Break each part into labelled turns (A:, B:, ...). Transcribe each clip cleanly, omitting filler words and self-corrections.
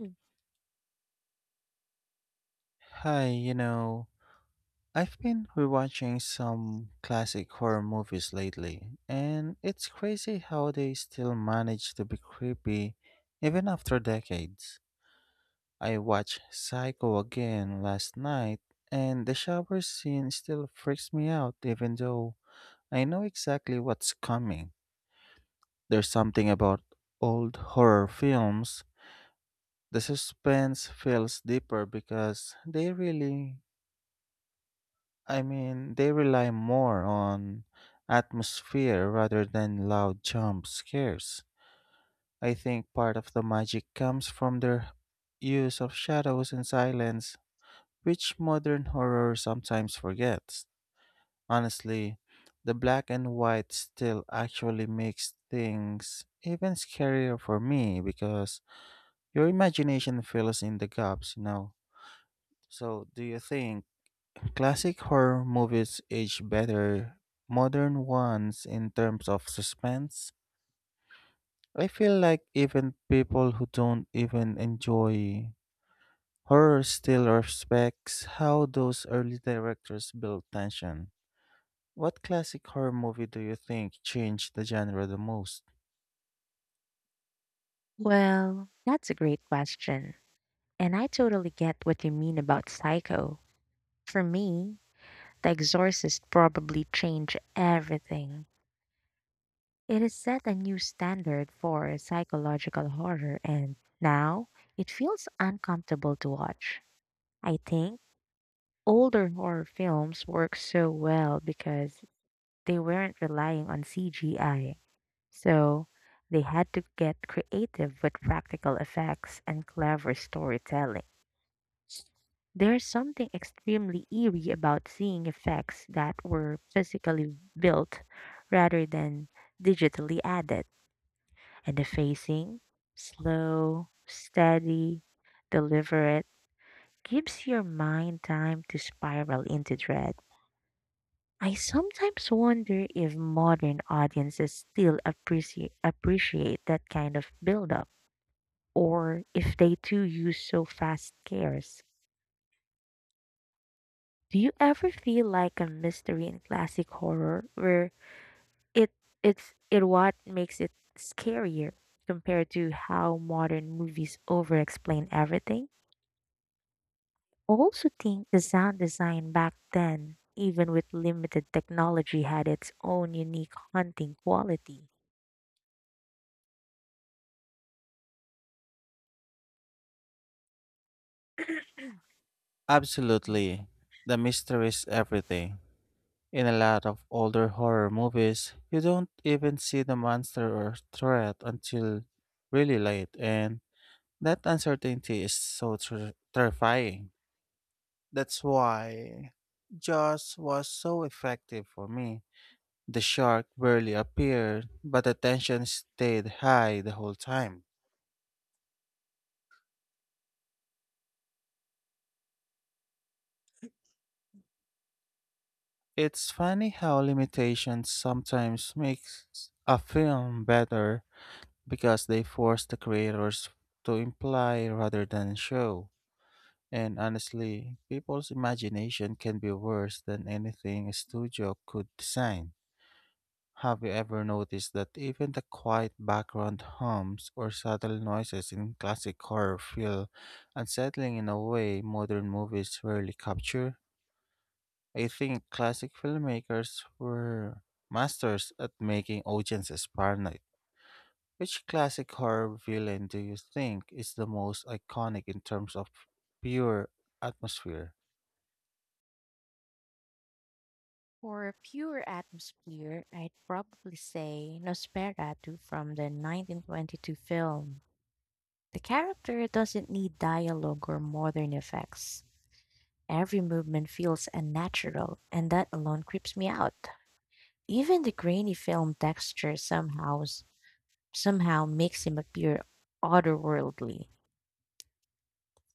A: Mm.
B: Hi, I've been rewatching some classic horror movies lately, and it's crazy how they still manage to be creepy even after decades. I watched Psycho again last night, and the shower scene still freaks me out even though I know exactly what's coming. There's something about old horror films. The suspense feels deeper because they really I mean, they rely more on atmosphere rather than loud jump scares. I think part of the magic comes from their use of shadows and silence, which modern horror sometimes forgets. Honestly, the black and white still actually makes things even scarier for me because your imagination fills in the gaps. So, do you think classic horror movies age better modern ones in terms of suspense? I feel like even people who don't even enjoy horror still respects how those early directors built tension. What classic horror movie do you think changed the genre the most?
A: Well, that's a great question. And I totally get what you mean about Psycho. For me, The Exorcist probably changed everything. It has set a new standard for psychological horror, and now it feels uncomfortable to watch. I think older horror films work so well because they weren't relying on CGI. So they had to get creative with practical effects and clever storytelling. There's something extremely eerie about seeing effects that were physically built rather than digitally added. And the facing, slow, steady, deliberate, gives your mind time to spiral into dread. I sometimes wonder if modern audiences still appreciate that kind of buildup, or if they too use so fast scares. Do you ever feel like a mystery in classic horror where it it's it what makes it scarier compared to how modern movies over-explain everything? Also think the sound design back then, even with limited technology, had its own unique haunting quality.
B: Absolutely. The mystery is everything. In a lot of older horror movies, you don't even see the monster or threat until really late, and that uncertainty is so terrifying. That's why Jaws was so effective for me. The shark barely appeared, but the tension stayed high the whole time. It's funny how limitations sometimes makes a film better because they force the creators to imply rather than show. And honestly, people's imagination can be worse than anything a studio could design. Have you ever noticed that even the quiet background hums or subtle noises in classic horror feel unsettling in a way modern movies rarely capture? I think classic filmmakers were masters at making audiences paranoid. Which classic horror villain do you think is the most iconic in terms of pure atmosphere?
A: For pure atmosphere, I'd probably say Nosferatu from the 1922 film. The character doesn't need dialogue or modern effects. Every movement feels unnatural, and that alone creeps me out. Even the grainy film texture somehow makes him appear otherworldly.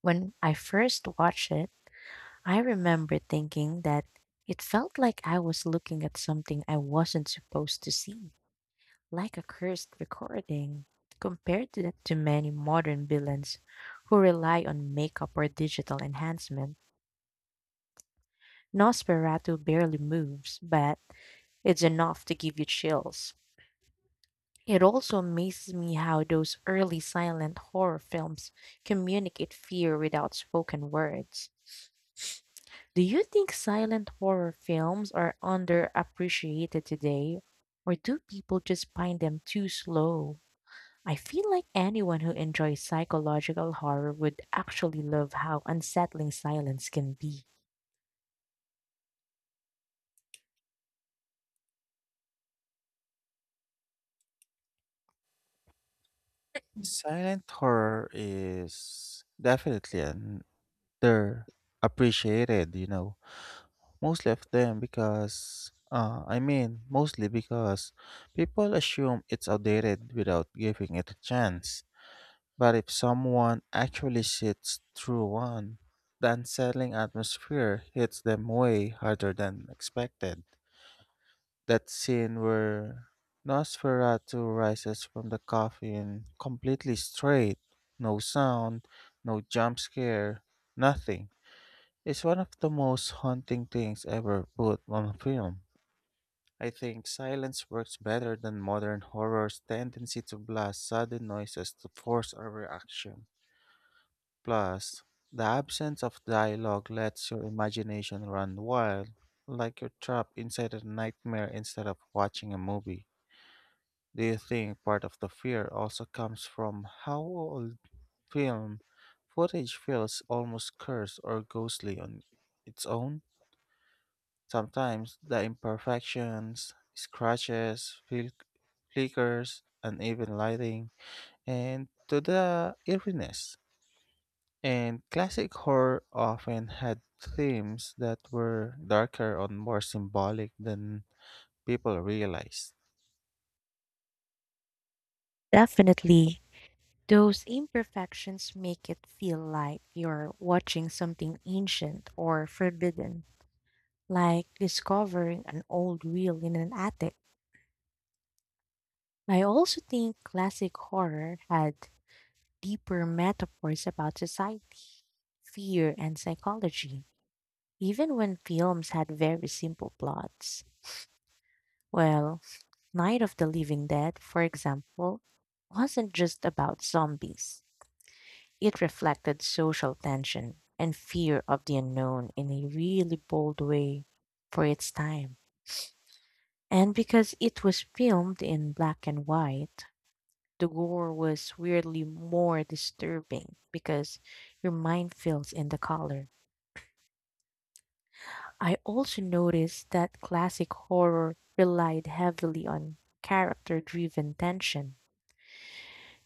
A: When I first watched it, I remember thinking that it felt like I was looking at something I wasn't supposed to see, like a cursed recording, compared to many modern villains who rely on makeup or digital enhancement. Nosferatu barely moves, but it's enough to give you chills. It also amazes me how those early silent horror films communicate fear without spoken words. Do you think silent horror films are underappreciated today, or do people just find them too slow? I feel like anyone who enjoys psychological horror would actually love how unsettling silence can be.
B: Silent horror is definitely underappreciated. Mostly of them because, I mean, mostly because people assume it's outdated without giving it a chance. But if someone actually sits through one, the unsettling atmosphere hits them way harder than expected. That scene where Nosferatu rises from the coffin completely straight, no sound, no jump scare, nothing. It's one of the most haunting things ever put on film. I think silence works better than modern horror's tendency to blast sudden noises to force a reaction. Plus, the absence of dialogue lets your imagination run wild, like you're trapped inside a nightmare instead of watching a movie. Do you think part of the fear also comes from how old film footage feels almost cursed or ghostly on its own? Sometimes the imperfections, scratches, flickers, uneven lighting, and to the eeriness. And classic horror often had themes that were darker and more symbolic than people realize.
A: Definitely, those imperfections make it feel like you're watching something ancient or forbidden, like discovering an old reel in an attic. I also think classic horror had deeper metaphors about society, fear, and psychology, even when films had very simple plots. Well, Night of the Living Dead, for example, wasn't just about zombies. It reflected social tension and fear of the unknown in a really bold way for its time. And because it was filmed in black and white, the gore was weirdly more disturbing because your mind fills in the color. I also noticed that classic horror relied heavily on character driven tension.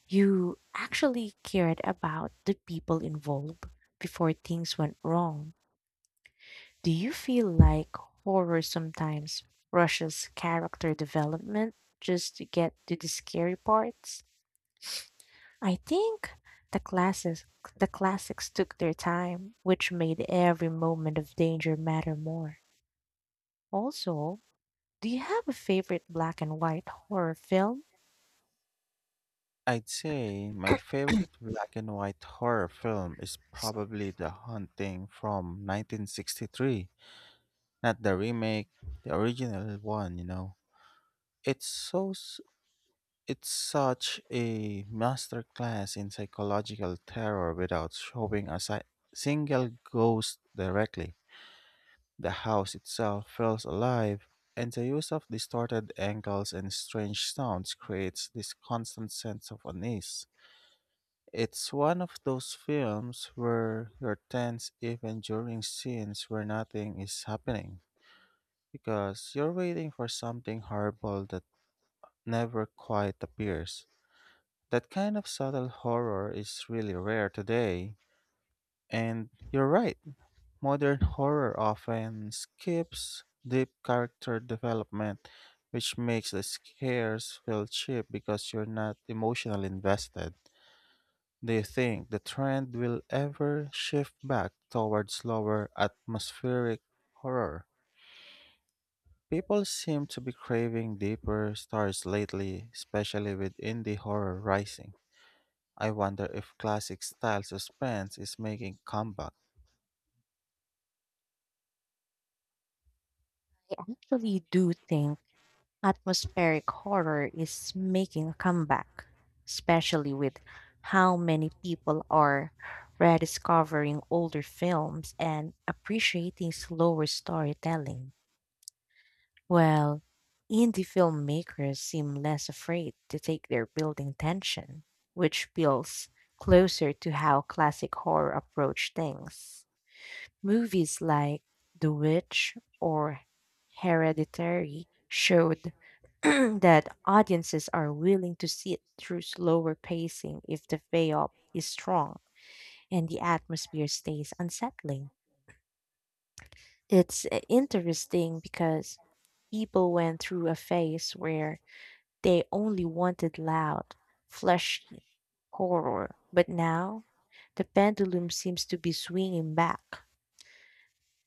A: You actually cared about the people involved before things went wrong. Do you feel like horror sometimes rushes character development just to get to the scary parts? I think the classes the classics took their time, which made every moment of danger matter more. Also, do you have a favorite black and white horror film?
B: I'd say my favorite black and white horror film is probably The Haunting from 1963, not the remake, the original one. It's so It's such a masterclass in psychological terror without showing a single ghost directly. The house itself feels alive, and the use of distorted angles and strange sounds creates this constant sense of unease. It's one of those films where you're tense even during scenes where nothing is happening, because you're waiting for something horrible that never quite appears. That kind of subtle horror is really rare today. And you're right, modern horror often skips deep character development, which makes the scares feel cheap because you're not emotionally invested. Do you think the trend will ever shift back towards slower atmospheric horror? People seem to be craving deeper stories lately, especially with indie horror rising. I wonder if classic style suspense is making comeback.
A: I actually do think atmospheric horror is making a comeback, especially with how many people are rediscovering older films and appreciating slower storytelling. Well, indie filmmakers seem less afraid to take their building tension, which feels closer to how classic horror approach things. Movies like The Witch or Hereditary showed that audiences are willing to sit through slower pacing if the payoff is strong and the atmosphere stays unsettling. It's interesting because people went through a phase where they only wanted loud, flashy horror, but now the pendulum seems to be swinging back.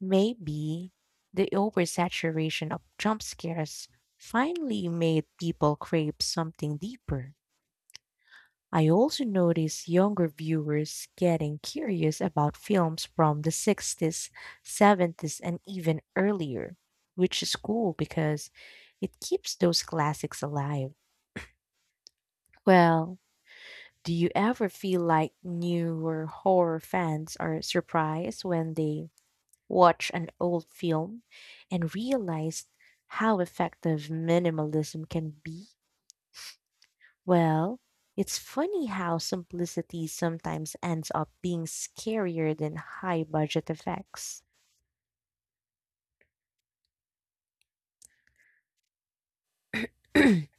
A: Maybe the oversaturation of jump scares finally made people crave something deeper. I also notice younger viewers getting curious about films from the '60s, '70s, and even earlier, which is cool because it keeps those classics alive. Well, do you ever feel like newer horror fans are surprised when they watch an old film and realize how effective minimalism can be? Well, it's funny how simplicity sometimes ends up being scarier than high budget effects.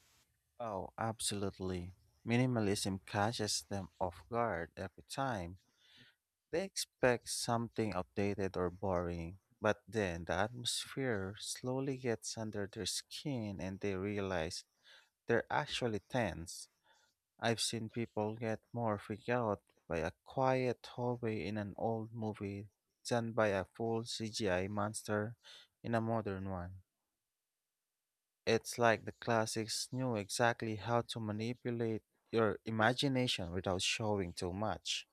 B: Oh, absolutely. Minimalism catches them off guard every time. They expect something outdated or boring, but then the atmosphere slowly gets under their skin and they realize they're actually tense. I've seen people get more freaked out by a quiet hallway in an old movie than by a full CGI monster in a modern one. It's like the classics knew exactly how to manipulate your imagination without showing too much.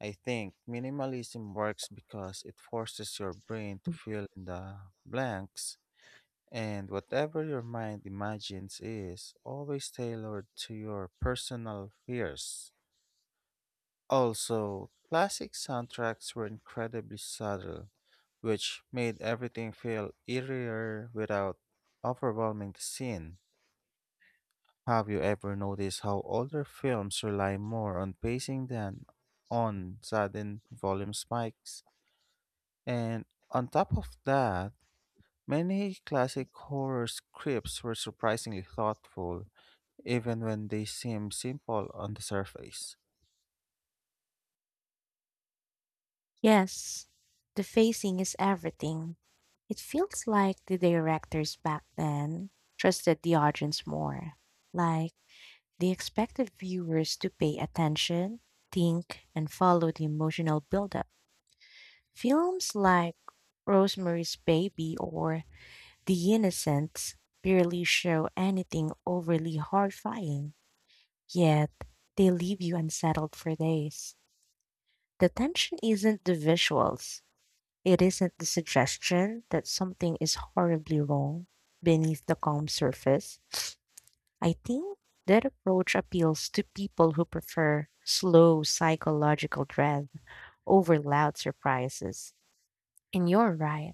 B: I think minimalism works because it forces your brain to fill in the blanks, and whatever your mind imagines is always tailored to your personal fears. Also, classic soundtracks were incredibly subtle, which made everything feel eerier without overwhelming the scene. Have you ever noticed how older films rely more on pacing than on sudden volume spikes? And on top of that, many classic horror scripts were surprisingly thoughtful, even when they seem simple on the surface.
A: Yes, the facing is everything. It feels like the directors back then trusted the audience more. Like they expected viewers to pay attention, think, and follow the emotional buildup. Films like Rosemary's Baby or The Innocents barely show anything overly horrifying, yet they leave you unsettled for days. The tension isn't the visuals, it isn't the suggestion that something is horribly wrong beneath the calm surface. I think that approach appeals to people who prefer slow psychological dread over loud surprises. And you're right,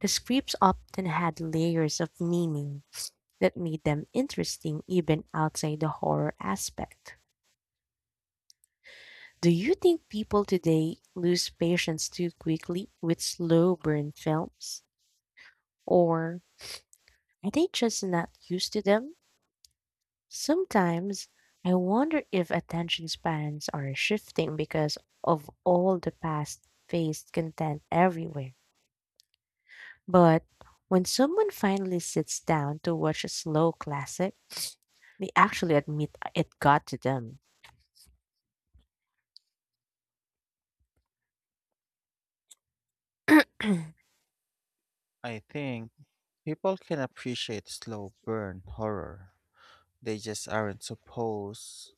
A: the scripts often had layers of meaning that made them interesting even outside the horror aspect. Do you think people today lose patience too quickly with slow burn films? Or are they just not used to them? Sometimes I wonder if attention spans are shifting because of all the fast paced content everywhere. But when someone finally sits down to watch a slow classic, they actually admit it got to them. I
B: I think people can appreciate slow burn horror. They just aren't supposed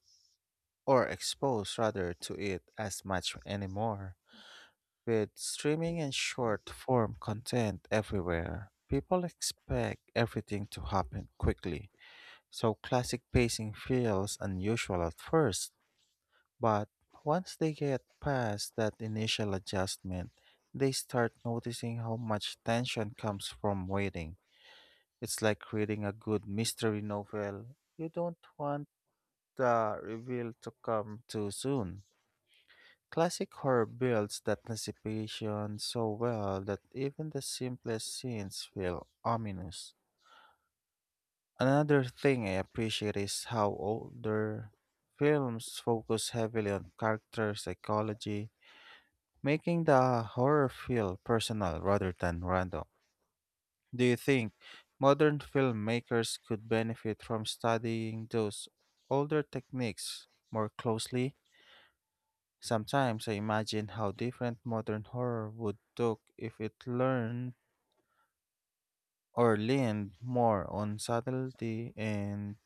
B: or exposed rather to it as much anymore. With streaming and short form content everywhere, people expect everything to happen quickly, so classic pacing feels unusual at first. But once they get past that initial adjustment, they start noticing how much tension comes from waiting. It's like reading a good mystery novel. You don't want the reveal to come too soon. Classic horror builds that anticipation so well that even the simplest scenes feel ominous. Another thing I appreciate is how older films focus heavily on character psychology, making the horror feel personal rather than random. Do you think modern filmmakers could benefit from studying those older techniques more closely? Sometimes I imagine how different modern horror would look if it learned or leaned more on subtlety and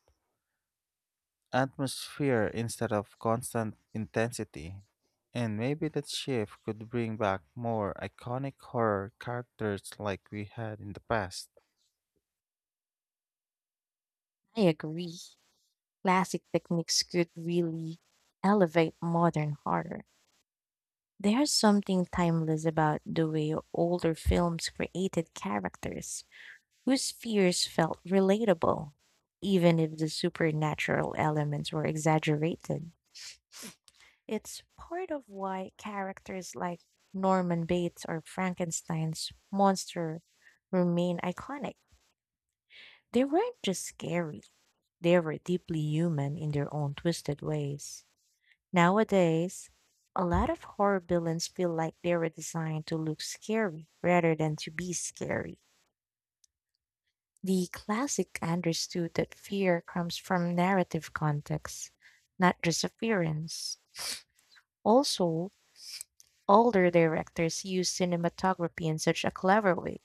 B: atmosphere instead of constant intensity. And maybe that shift could bring back more iconic horror characters like we had in the past.
A: agree. Classic techniques could really elevate modern horror. There's something timeless about the way older films created characters whose fears felt relatable, even if the supernatural elements were exaggerated. It's part of why characters like Norman Bates or Frankenstein's monster remain iconic. They weren't just scary, they were deeply human in their own twisted ways. Nowadays, a lot of horror villains feel like they were designed to look scary rather than to be scary. The classic understood that fear comes from narrative context, not just appearance. Also, older directors use cinematography in such a clever way.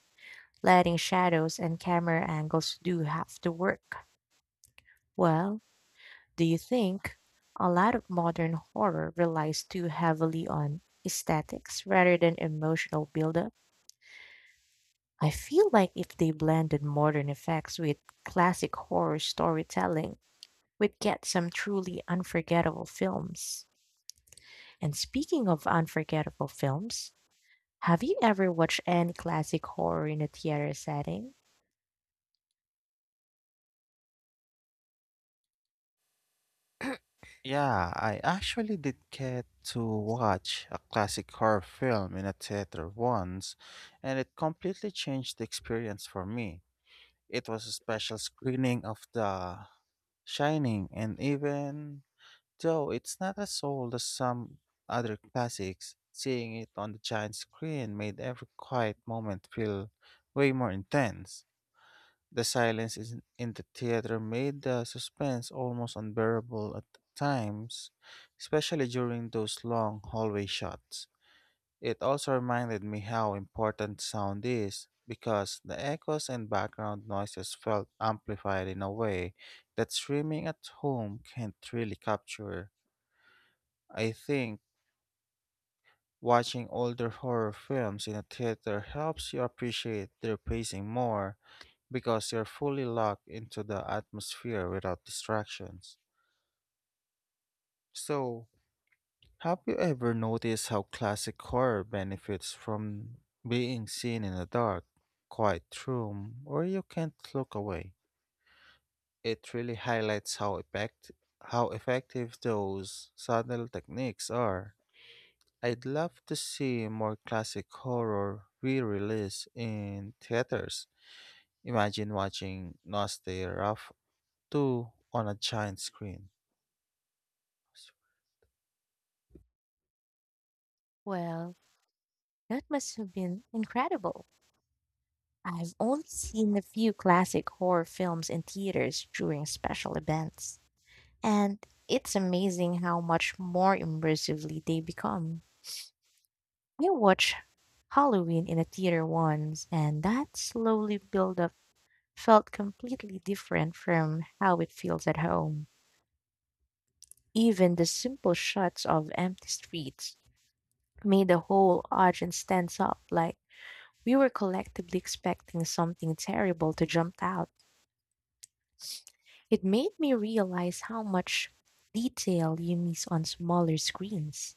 A: Lighting shadows and camera angles do have to work. Well, do you think a lot of modern horror relies too heavily on aesthetics rather than emotional buildup? I feel like if they blended modern effects with classic horror storytelling, we'd get some truly unforgettable films. And speaking of unforgettable films, have you ever watched any classic horror in a theater setting?
B: Yeah, I actually did get to watch a classic horror film in a theater once, and it completely changed the experience for me. It was a special screening of The Shining, and even though it's not as old as some other classics, seeing it on the giant screen made every quiet moment feel way more intense. The silence in the theater made the suspense almost unbearable at times, especially during those long hallway shots. It also reminded me how important sound is because the echoes and background noises felt amplified in a way that streaming at home can't really capture. I think watching older horror films in a theater helps you appreciate their pacing more because you're fully locked into the atmosphere without distractions. So, have you ever noticed how classic horror benefits from being seen in a dark, quiet room where you can't look away? It really highlights how effective those subtle techniques are. I'd love to see more classic horror re-release in theaters. Imagine watching Nosferatu on a giant screen.
A: Well, that must have been incredible. I've only seen a few classic horror films in theaters during special events, and it's amazing how much more immersively they become. I watched Halloween in a theater once, and that slowly build up felt completely different from how it feels at home. Even the simple shots of empty streets made the whole audience stand up like we were collectively expecting something terrible to jump out. It made me realize how much detail you miss on smaller screens.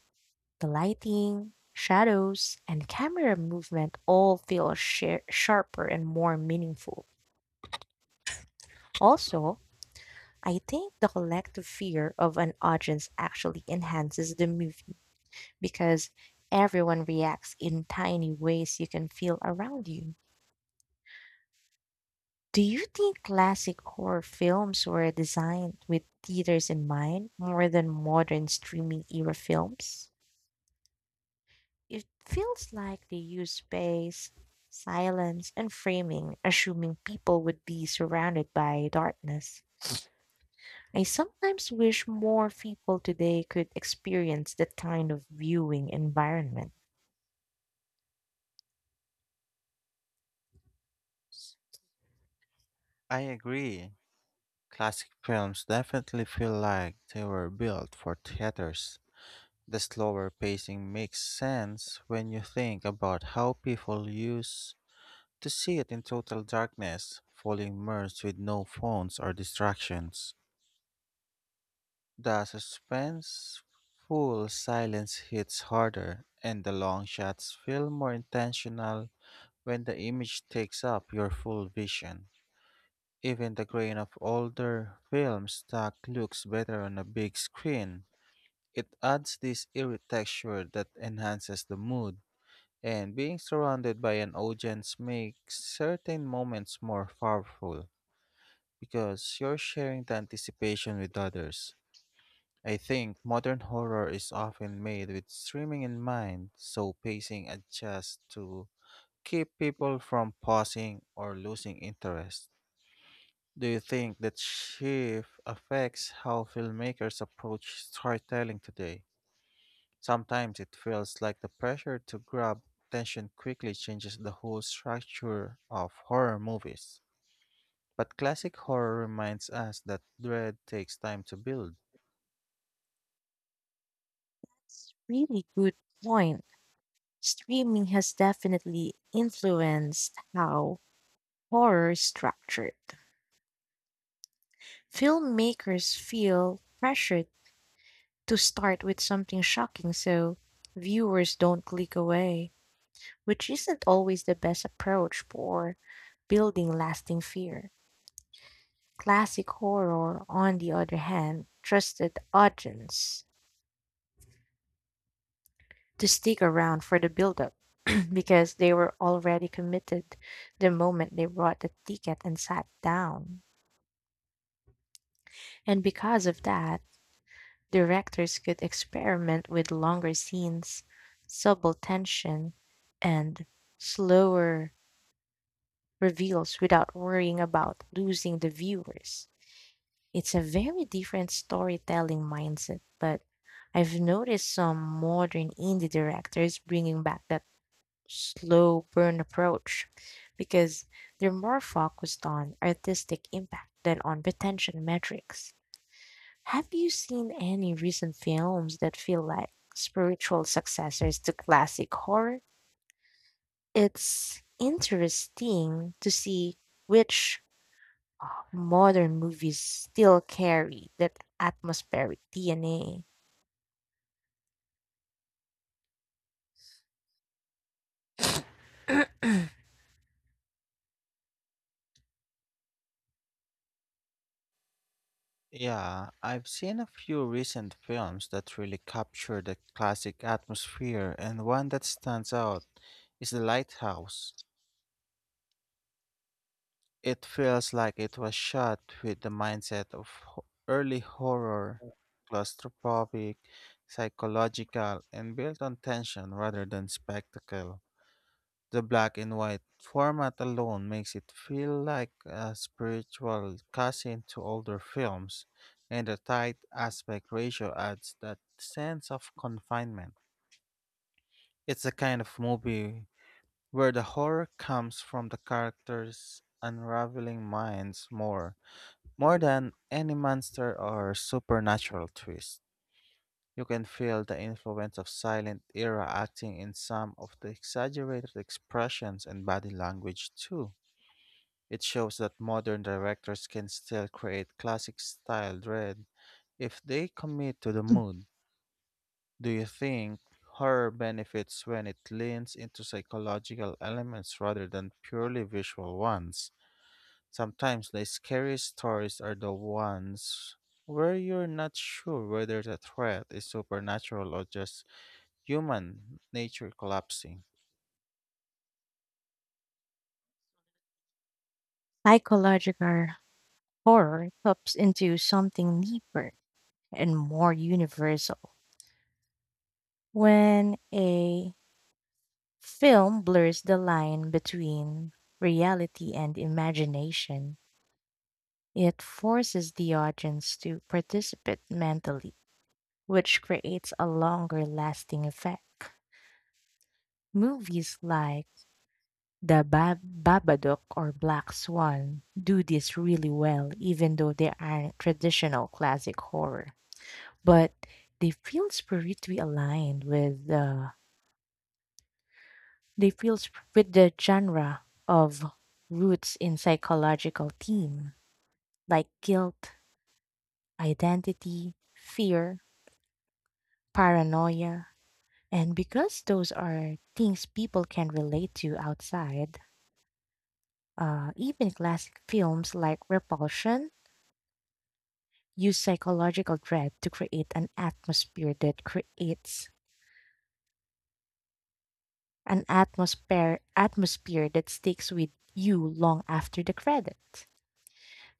A: The lighting, shadows, and camera movement all feel sharper and more meaningful. Also, I think the collective fear of an audience actually enhances the movie because everyone reacts in tiny ways you can feel around you. Do you think classic horror films were designed with theaters in mind more than modern streaming era films? It feels like they use space, silence, and framing, assuming people would be surrounded by darkness. I sometimes wish more people today could experience that kind of viewing environment.
B: I agree. Classic films definitely feel like they were built for theaters. The slower pacing makes sense when you think about how people used to see it in total darkness, fully immersed with no phones or distractions. The suspenseful silence hits harder, and the long shots feel more intentional when the image takes up your full vision. Even the grain of older film stock looks better on a big screen. It adds this eerie texture that enhances the mood, and being surrounded by an audience makes certain moments more powerful because you're sharing the anticipation with others. I think modern horror is often made with streaming in mind, so pacing adjusts to keep people from pausing or losing interest. Do you think that shift affects how filmmakers approach storytelling today? Sometimes it feels like the pressure to grab attention quickly changes the whole structure of horror movies. But classic horror reminds us that dread takes time to build.
A: It's really good point. Streaming has definitely influenced how horror is structured. Filmmakers feel pressured to start with something shocking so viewers don't click away, which isn't always the best approach for building lasting fear. Classic horror, on the other hand, trusted audience to stick around for the build-up because they were already committed the moment they bought the ticket and sat down. And because of that, directors could experiment with longer scenes, subtle tension, and slower reveals without worrying about losing the viewers. It's a very different storytelling mindset, but I've noticed some modern indie directors bringing back that slow burn approach because they're more focused on artistic impact than on retention metrics. Have you seen any recent films that feel like spiritual successors to classic horror? It's interesting to see which uh, modern movies still carry that atmospheric DNA.
B: Yeah, I've seen a few recent films that really capture the classic atmosphere, and one that stands out is The Lighthouse. It feels like it was shot with the mindset of early horror, claustrophobic, psychological, and built on tension rather than spectacle. The black and white format alone makes it feel like a spiritual cousin to older films, and the tight aspect ratio adds that sense of confinement. It's the kind of movie where the horror comes from the characters' unraveling minds more than any monster or supernatural twist. You can feel the influence of silent era acting in some of the exaggerated expressions and body language too. It shows that modern directors can still create classic style dread if they commit to the mood. Do you think horror benefits when it leans into psychological elements rather than purely visual ones? Sometimes the scariest stories are the ones where you're not sure whether the threat is supernatural or just human nature collapsing.
A: Psychological horror taps into something deeper and more universal. When a film blurs the line between reality and imagination, it forces the audience to participate mentally, which creates a longer lasting effect. Movies like Babadook or Black Swan do this really well, even though they aren't traditional classic horror. But they feel spiritually aligned with uh, they feel with the genre of roots in psychological theme like guilt, identity, fear, paranoia. And because those are things people can relate to outside, even classic films like Repulsion use psychological dread to create an atmosphere that sticks with you long after the credits.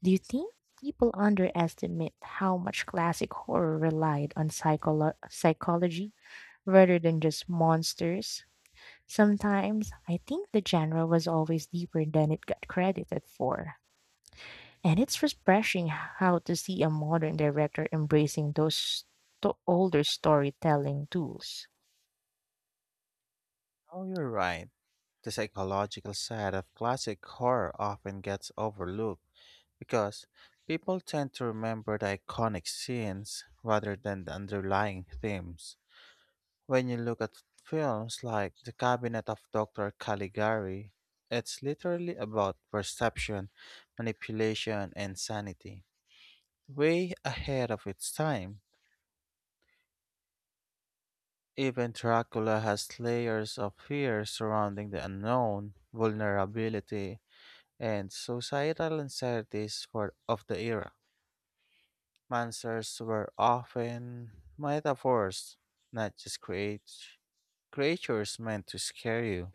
A: Do you think people underestimate how much classic horror relied on psychology rather than just monsters? Sometimes I think the genre was always deeper than it got credited for. And it's refreshing how to see a modern director embracing those older storytelling tools.
B: Oh, you're right. The psychological side of classic horror often gets overlooked because people tend to remember the iconic scenes rather than the underlying themes. When you look at films like The Cabinet of Dr. Caligari, it's literally about perception, manipulation, and sanity. Way ahead of its time. Even Dracula has layers of fear surrounding the unknown, vulnerability, and societal uncertainties for, of the era. Monsters were often metaphors, not just create, creatures meant to scare you.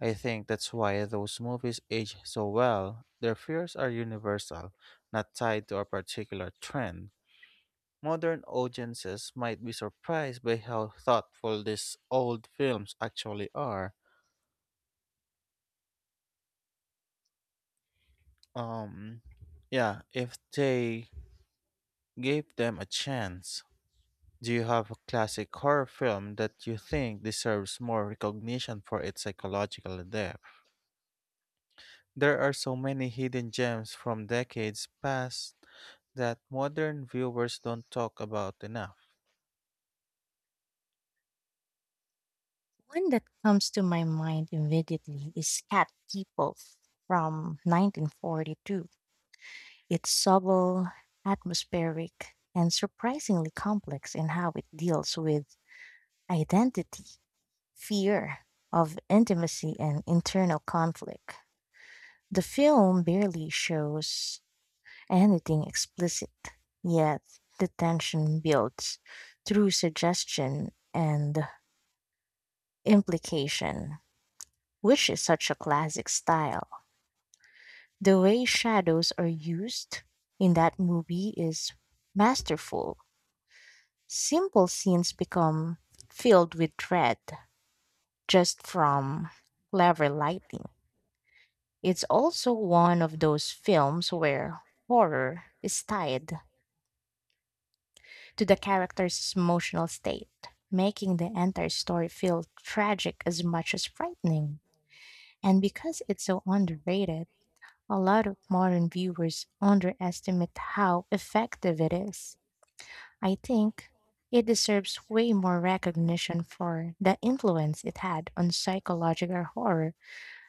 B: I think that's why those movies age so well. Their fears are universal, not tied to a particular trend. Modern audiences might be surprised by how thoughtful these old films actually are. Um, yeah, if they gave them a chance. Do you have a classic horror film that you think deserves more recognition for its psychological depth? There are so many hidden gems from decades past that modern viewers don't talk about enough.
A: One that comes to my mind immediately is Cat People from 1942. It's subtle, atmospheric, and surprisingly complex in how it deals with identity, fear of intimacy, and internal conflict. The film barely shows anything explicit, yet the tension builds through suggestion and implication, which is such a classic style. The way shadows are used in that movie is masterful. Simple scenes become filled with dread just from clever lighting. It's also one of those films where horror is tied to the character's emotional state, making the entire story feel tragic as much as frightening. And because it's so underrated, a lot of modern viewers underestimate how effective it is. I think it deserves way more recognition for the influence it had on psychological horror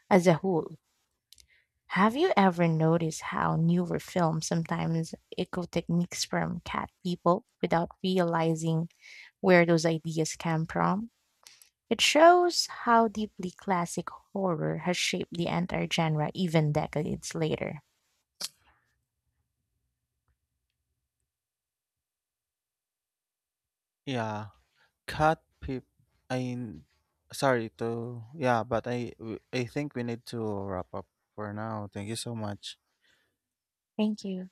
A: as a whole. Have you ever noticed how newer films sometimes echo techniques from Cat People without realizing where those ideas came from? It shows how deeply classic horror has shaped the entire genre even decades later.
B: Yeah, cat peep. I sorry to yeah, but I think we need to wrap up for now. Thank you so much.
A: Thank you.